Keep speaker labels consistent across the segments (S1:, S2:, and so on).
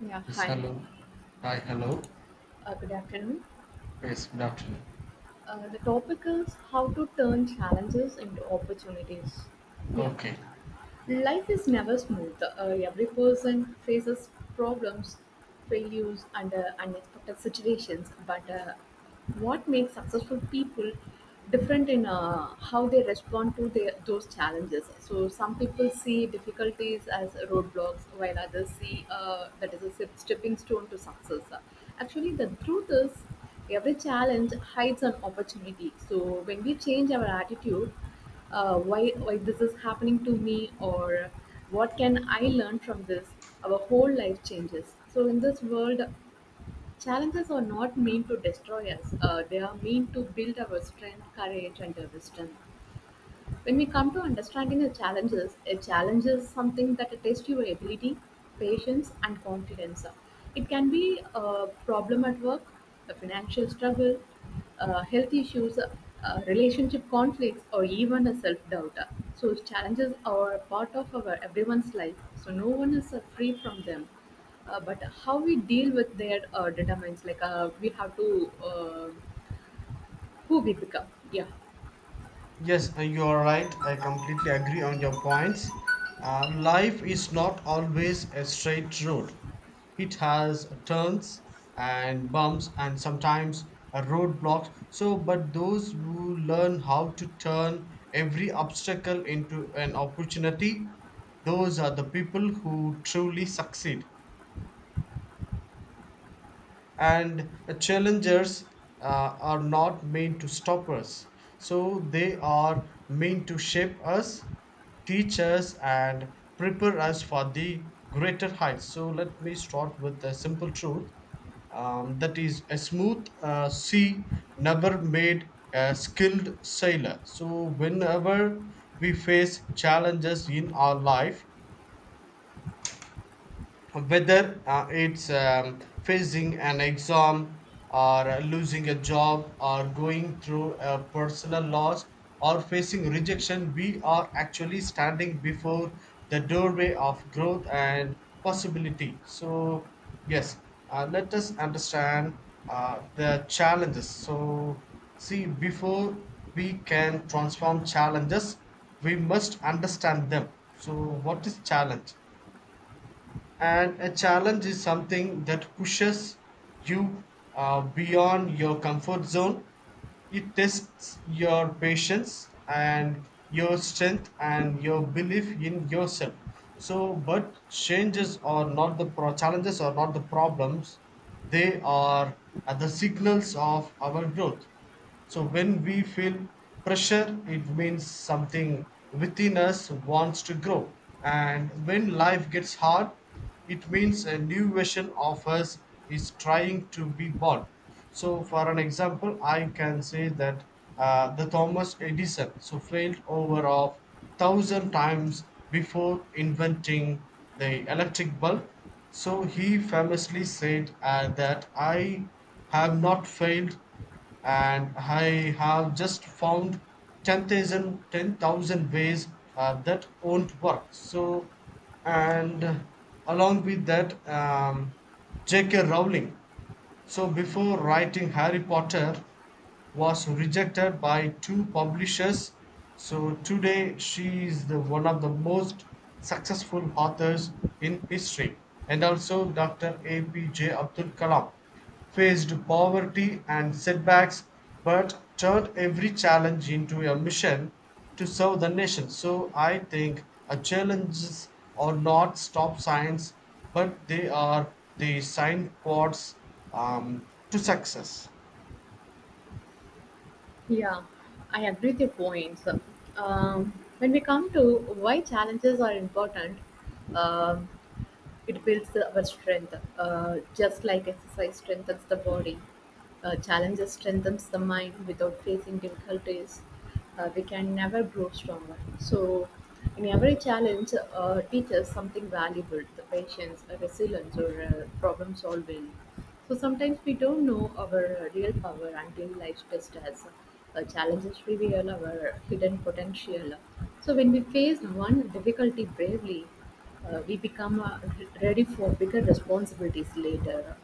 S1: Yeah,
S2: Yes,
S1: hi.
S2: hello. Hi, hello.
S1: Good afternoon.
S2: Yes, good afternoon.
S1: The topic is how to turn challenges into opportunities. Yeah.
S2: Okay.
S1: Life is never smooth. Every person faces problems, failures, and unexpected situations. But what makes successful people different in how they respond to those challenges? So, some people see difficulties as roadblocks, while others see that is a stepping stone to success. Actually, the truth is, every challenge hides an opportunity. So, when we change our attitude, why this is happening to me, or what can I learn from this? Our whole life changes. So in this world, challenges are not meant to destroy us. Uh, they are meant to build our strength, courage, and our wisdom. When we come to understanding the challenges, a challenge is something that tests your ability, patience, and confidence. It can be a problem at work, a financial struggle, health issues, relationship conflicts, or even a self doubt. So, challenges are a part of our everyone's life, so no one is free from them. But how we deal with their determines like we have to who we become. Yeah.
S2: Yes, you are right. I completely agree on your points. Life is not always a straight road. It has turns and bumps, and sometimes a roadblock. But those who learn how to turn every obstacle into an opportunity, those are the people who truly succeed. And challengers are not meant to stop us, so they are meant to shape us, teach us, and prepare us for the greater heights. So let me start with a simple truth, that is, a smooth sea never made a skilled sailor. So whenever we face challenges in our life, whether it's facing an exam, or losing a job, or going through a personal loss, or facing rejection, we are actually standing before the doorway of growth and possibility. So yes, let us understand the challenges. So see, before we can transform challenges, we must understand them. So what is challenge? And a challenge is something that pushes you beyond your comfort zone. It tests your patience and your strength and your belief in yourself. So, but changes are not the challenges are not the problems; they are the signals of our growth. So when we feel pressure, it means something within us wants to grow. And when life gets hard, it means a new version of us is trying to be born. So, for an example, I can say that the Thomas Edison so failed over of thousand times before inventing the electric bulb. So he famously said that I have not failed, and I have just found 10,000, 10,000 ways that won't work. So, and along with that, J.K. Rowling. So, before writing Harry Potter, was rejected by two publishers. So, today she is one of the most successful authors in history. And also, Dr. A.P.J. Abdul Kalam faced poverty and setbacks, but turned every challenge into a mission to serve the nation. So I think challenges are not stop signs, but they are the signposts to success.
S1: Yeah, I agree with your points. Um, when we come to why challenges are important, um, it builds our strength. Just like exercise strengthens the body, challenges strengthens the mind. Without facing difficulties, we can never grow stronger. So, in every challenge, teaches something valuable: the patience, resilience, or problem solving. So, sometimes we don't know our real power until life tests us. Challenges reveal our hidden potential. So, when we face one difficulty bravely, we become ready for bigger responsibilities later.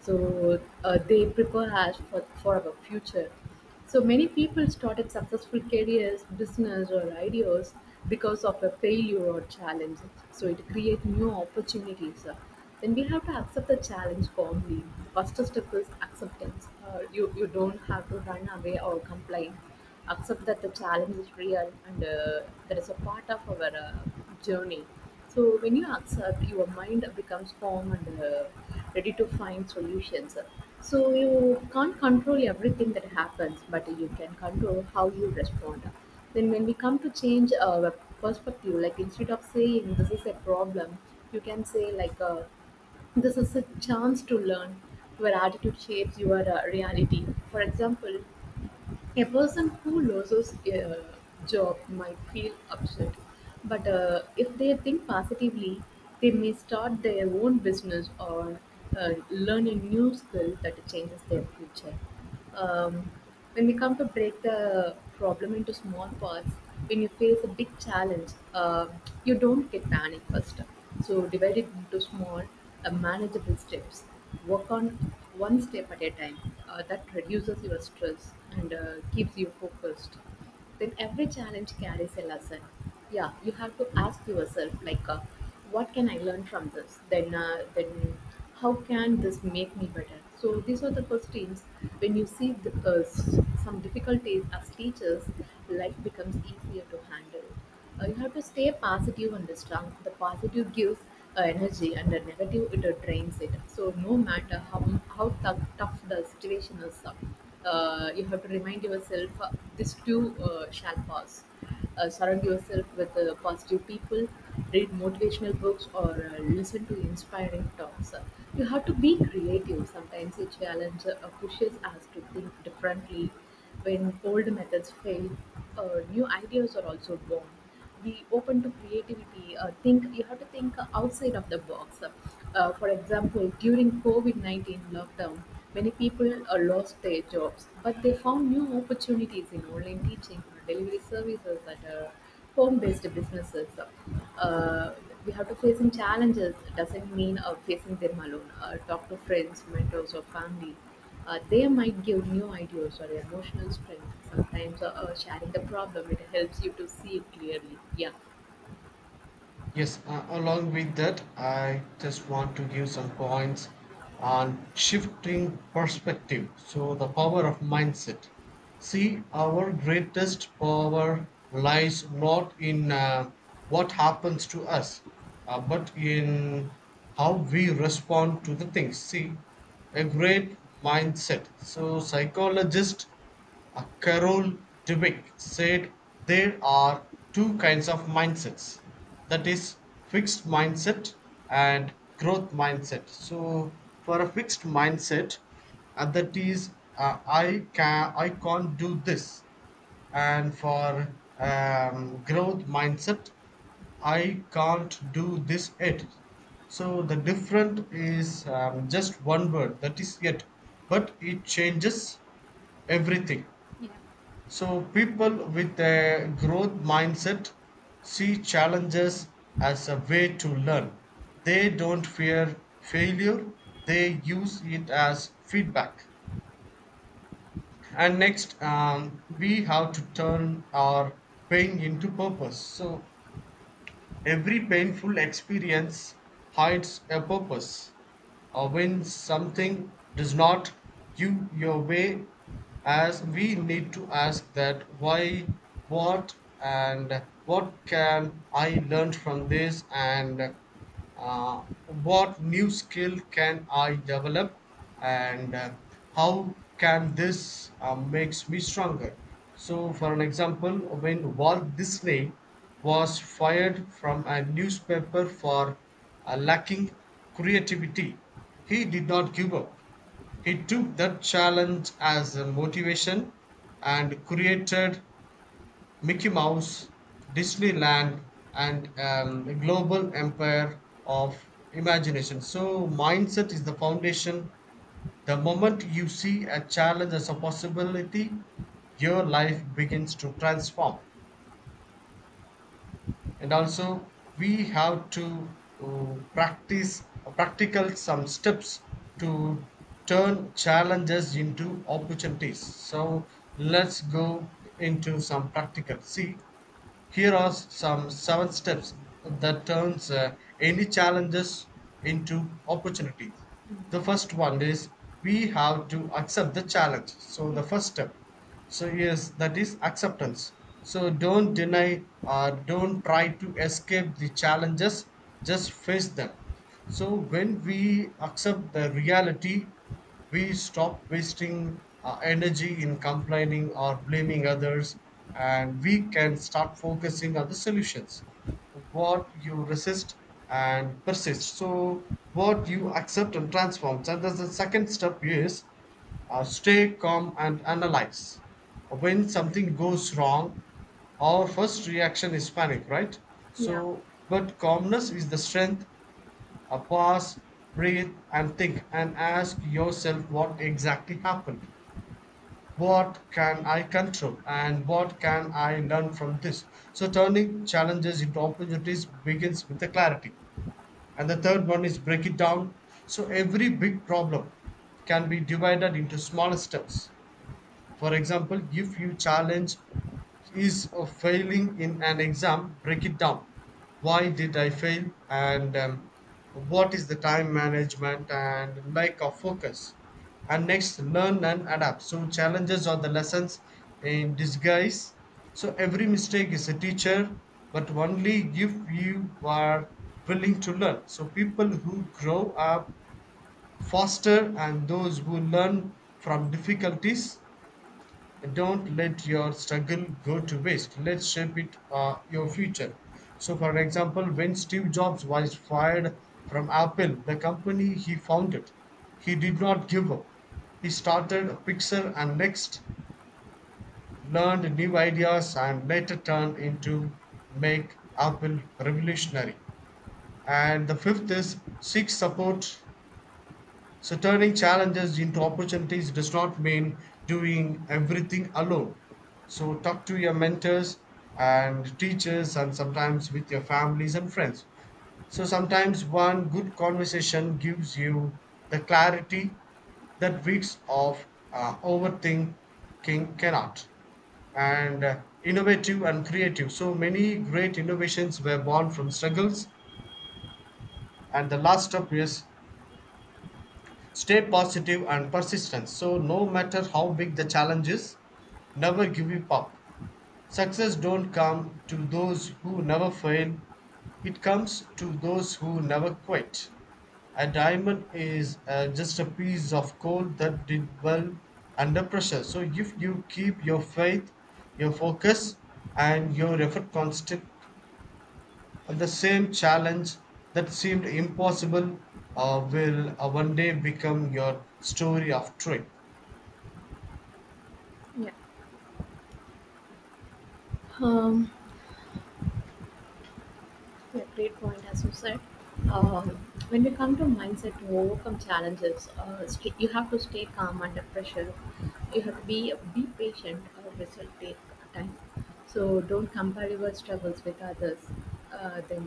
S1: So they prepare us for our future. So many people started successful careers, business, or ideas because of a failure or challenge. So it creates new opportunities. Then we have to accept the challenge calmly. First step is acceptance. You don't have to run away or complain. Accept that the challenge is real, and that is a part of our journey. So when you accept, your mind becomes calm and ready to find solutions. So you can't control everything that happens, but you can control how you respond. Then when we come to change our perspective, like instead of saying this is a problem, you can say like this is a chance to learn. Your attitude shapes your reality. For example, a person who loses a job might feel upset, but if they think positively, they may start their own business or learn a new skill that changes their future. Um, when we come to break the problem into small parts, when you face a big challenge, uh, you don't get panic first. So divide it into small, manageable steps. Work on one step at a time. That reduces your stress and keeps you focused. Then every challenge carries a lesson. Yeah, you have to ask yourself like, what can I learn from this? Then how can this make me better? So these are the questions. When you see some difficulties as teachers, life becomes easier to handle. You have to stay positive and strong. The positive gives energy and the negative it drains it. So no matter how tough the situation is, you have to remind yourself, this too shall pass. Uh, surround yourself with positive people, read motivational books, or listen to inspiring talks. You have to be creative. Sometimes a challenge pushes us to think differently. When old methods fail, new ideas are also born. Be open to creativity. Think You have to think outside of the box. For example, during COVID 19 lockdown, many people lost their jobs, but they found new opportunities in online teaching, delivery services, and home-based businesses. Uh, we have to facing challenges. It doesn't mean facing them alone. Talk to friends, mentors, or family. They might give new ideas or emotional strength. Sometimes sharing the problem it helps you to see it clearly. Yeah.
S2: Yes, along with that, I just want to give some points on shifting perspective. So, the power of mindset. See, our greatest power lies not in what happens to us, but in how we respond to the things. See, a great mindset. So, psychologists Carol Dweck said there are two kinds of mindsets, that is, fixed mindset and growth mindset. So for a fixed mindset, and that is, I can't do this. And for growth mindset, I can't do this yet. So the different is, just one word, that is, yet. But it changes everything. So people with a growth mindset see challenges as a way to learn. They don't fear failure, they use it as feedback. And next, we have to turn our pain into purpose. So every painful experience hides a purpose. Or when something does not give your way, as we need to ask that why, what, and what can I learn from this, and what new skill can I develop, and how can this makes me stronger. So for an example, when Walt Disney was fired from a newspaper for lacking creativity, he did not give up. He took that challenge as a motivation and created Mickey Mouse, Disneyland, and a global empire of imagination. So, mindset is the foundation. The moment you see a challenge as a possibility, your life begins to transform. And also, we have to practice practical some steps to turn challenges into opportunities. So, let's go into some practical. See, here are some seven steps that turns any challenges into opportunity. The first one is we have to accept the challenge. So the first step. So yes, that is acceptance. So don't deny or don't try to escape the challenges, just face them. So when we accept the reality, we stop wasting our energy in complaining or blaming others, and we can start focusing on the solutions. What you resist and persist. So, what you accept and transform. And that's the second step is stay calm and analyze. When something goes wrong, our first reaction is panic, right?
S1: Yeah,
S2: So, but calmness is the strength. Pause, breathe, and think, and ask yourself what exactly happened. What can I control, and what can I learn from this? So, turning challenges into opportunities begins with the clarity. And the third one is break it down. So, every big problem can be divided into smaller steps. For example, if you challenge is a failing in an exam, break it down. Why did I fail? And what is the time management and lack of focus? And next, learn and adapt. So, challenges are the lessons in disguise. So, every mistake is a teacher, but only if you are willing to learn. So, people who grow up faster and those who learn from difficulties, don't let your struggle go to waste, let's shape it, your future. So for example, when Steve Jobs was fired from Apple, the company he founded, he did not give up. He started Pixar, and next learned new ideas, and later turned into make Apple revolutionary. And the fifth is seek support. So turning challenges into opportunities does not mean doing everything alone. So talk to your mentors and teachers, and sometimes with your families and friends. So sometimes one good conversation gives you the clarity that weeks of overthinking cannot. And innovative and creative. So many great innovations were born from struggles. And the last step is stay positive and persistence. So, no matter how big the challenge is, never give up. Success don't come to those who never fail. It comes to those who never quit. A diamond is just a piece of coal that did well under pressure. So if you keep your faith, your focus, and your effort constant, the same challenge that seemed impossible will one day become your story of trip.
S1: yeah. Um, yeah, great point, as you said. Um, when we come to mindset to overcome challenges, you have to stay calm under pressure. You have to be patient. Result take time. So don't compare your struggles with others. Then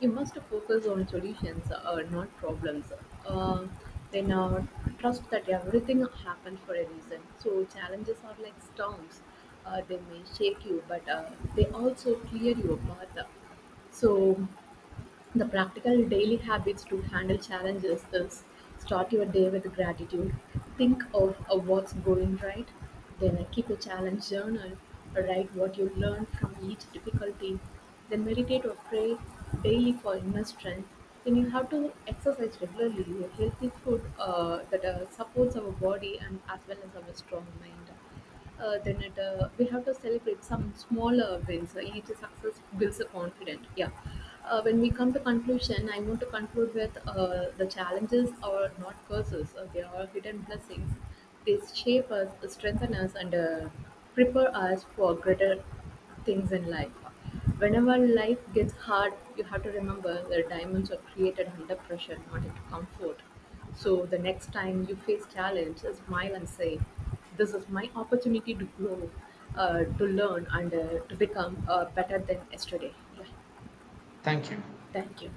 S1: you must focus on solutions, not problems. Uh, then trust that everything happens for a reason. So challenges are like storms. They may shake you, but they also clear your path. So, the practical daily habits to handle challenges is start your day with gratitude. Think of what's going right, then keep a challenge journal, write what you learned from each difficulty, then meditate or pray daily for inner strength. Then you have to exercise regularly, a healthy food that supports our body and as well as our strong mind. Then we have to celebrate some smaller wins. Each success builds a confidence. Yeah. When we come to conclusion, I want to conclude with the challenges are not curses. They are hidden blessings. They shape us, strengthen us, and prepare us for greater things in life. Whenever life gets hard, you have to remember that diamonds are created under pressure, not into comfort. So the next time you face challenge, smile and say, "This is my opportunity to grow, to learn, and to become better than yesterday." Yeah,
S2: Thank you.
S1: thank you.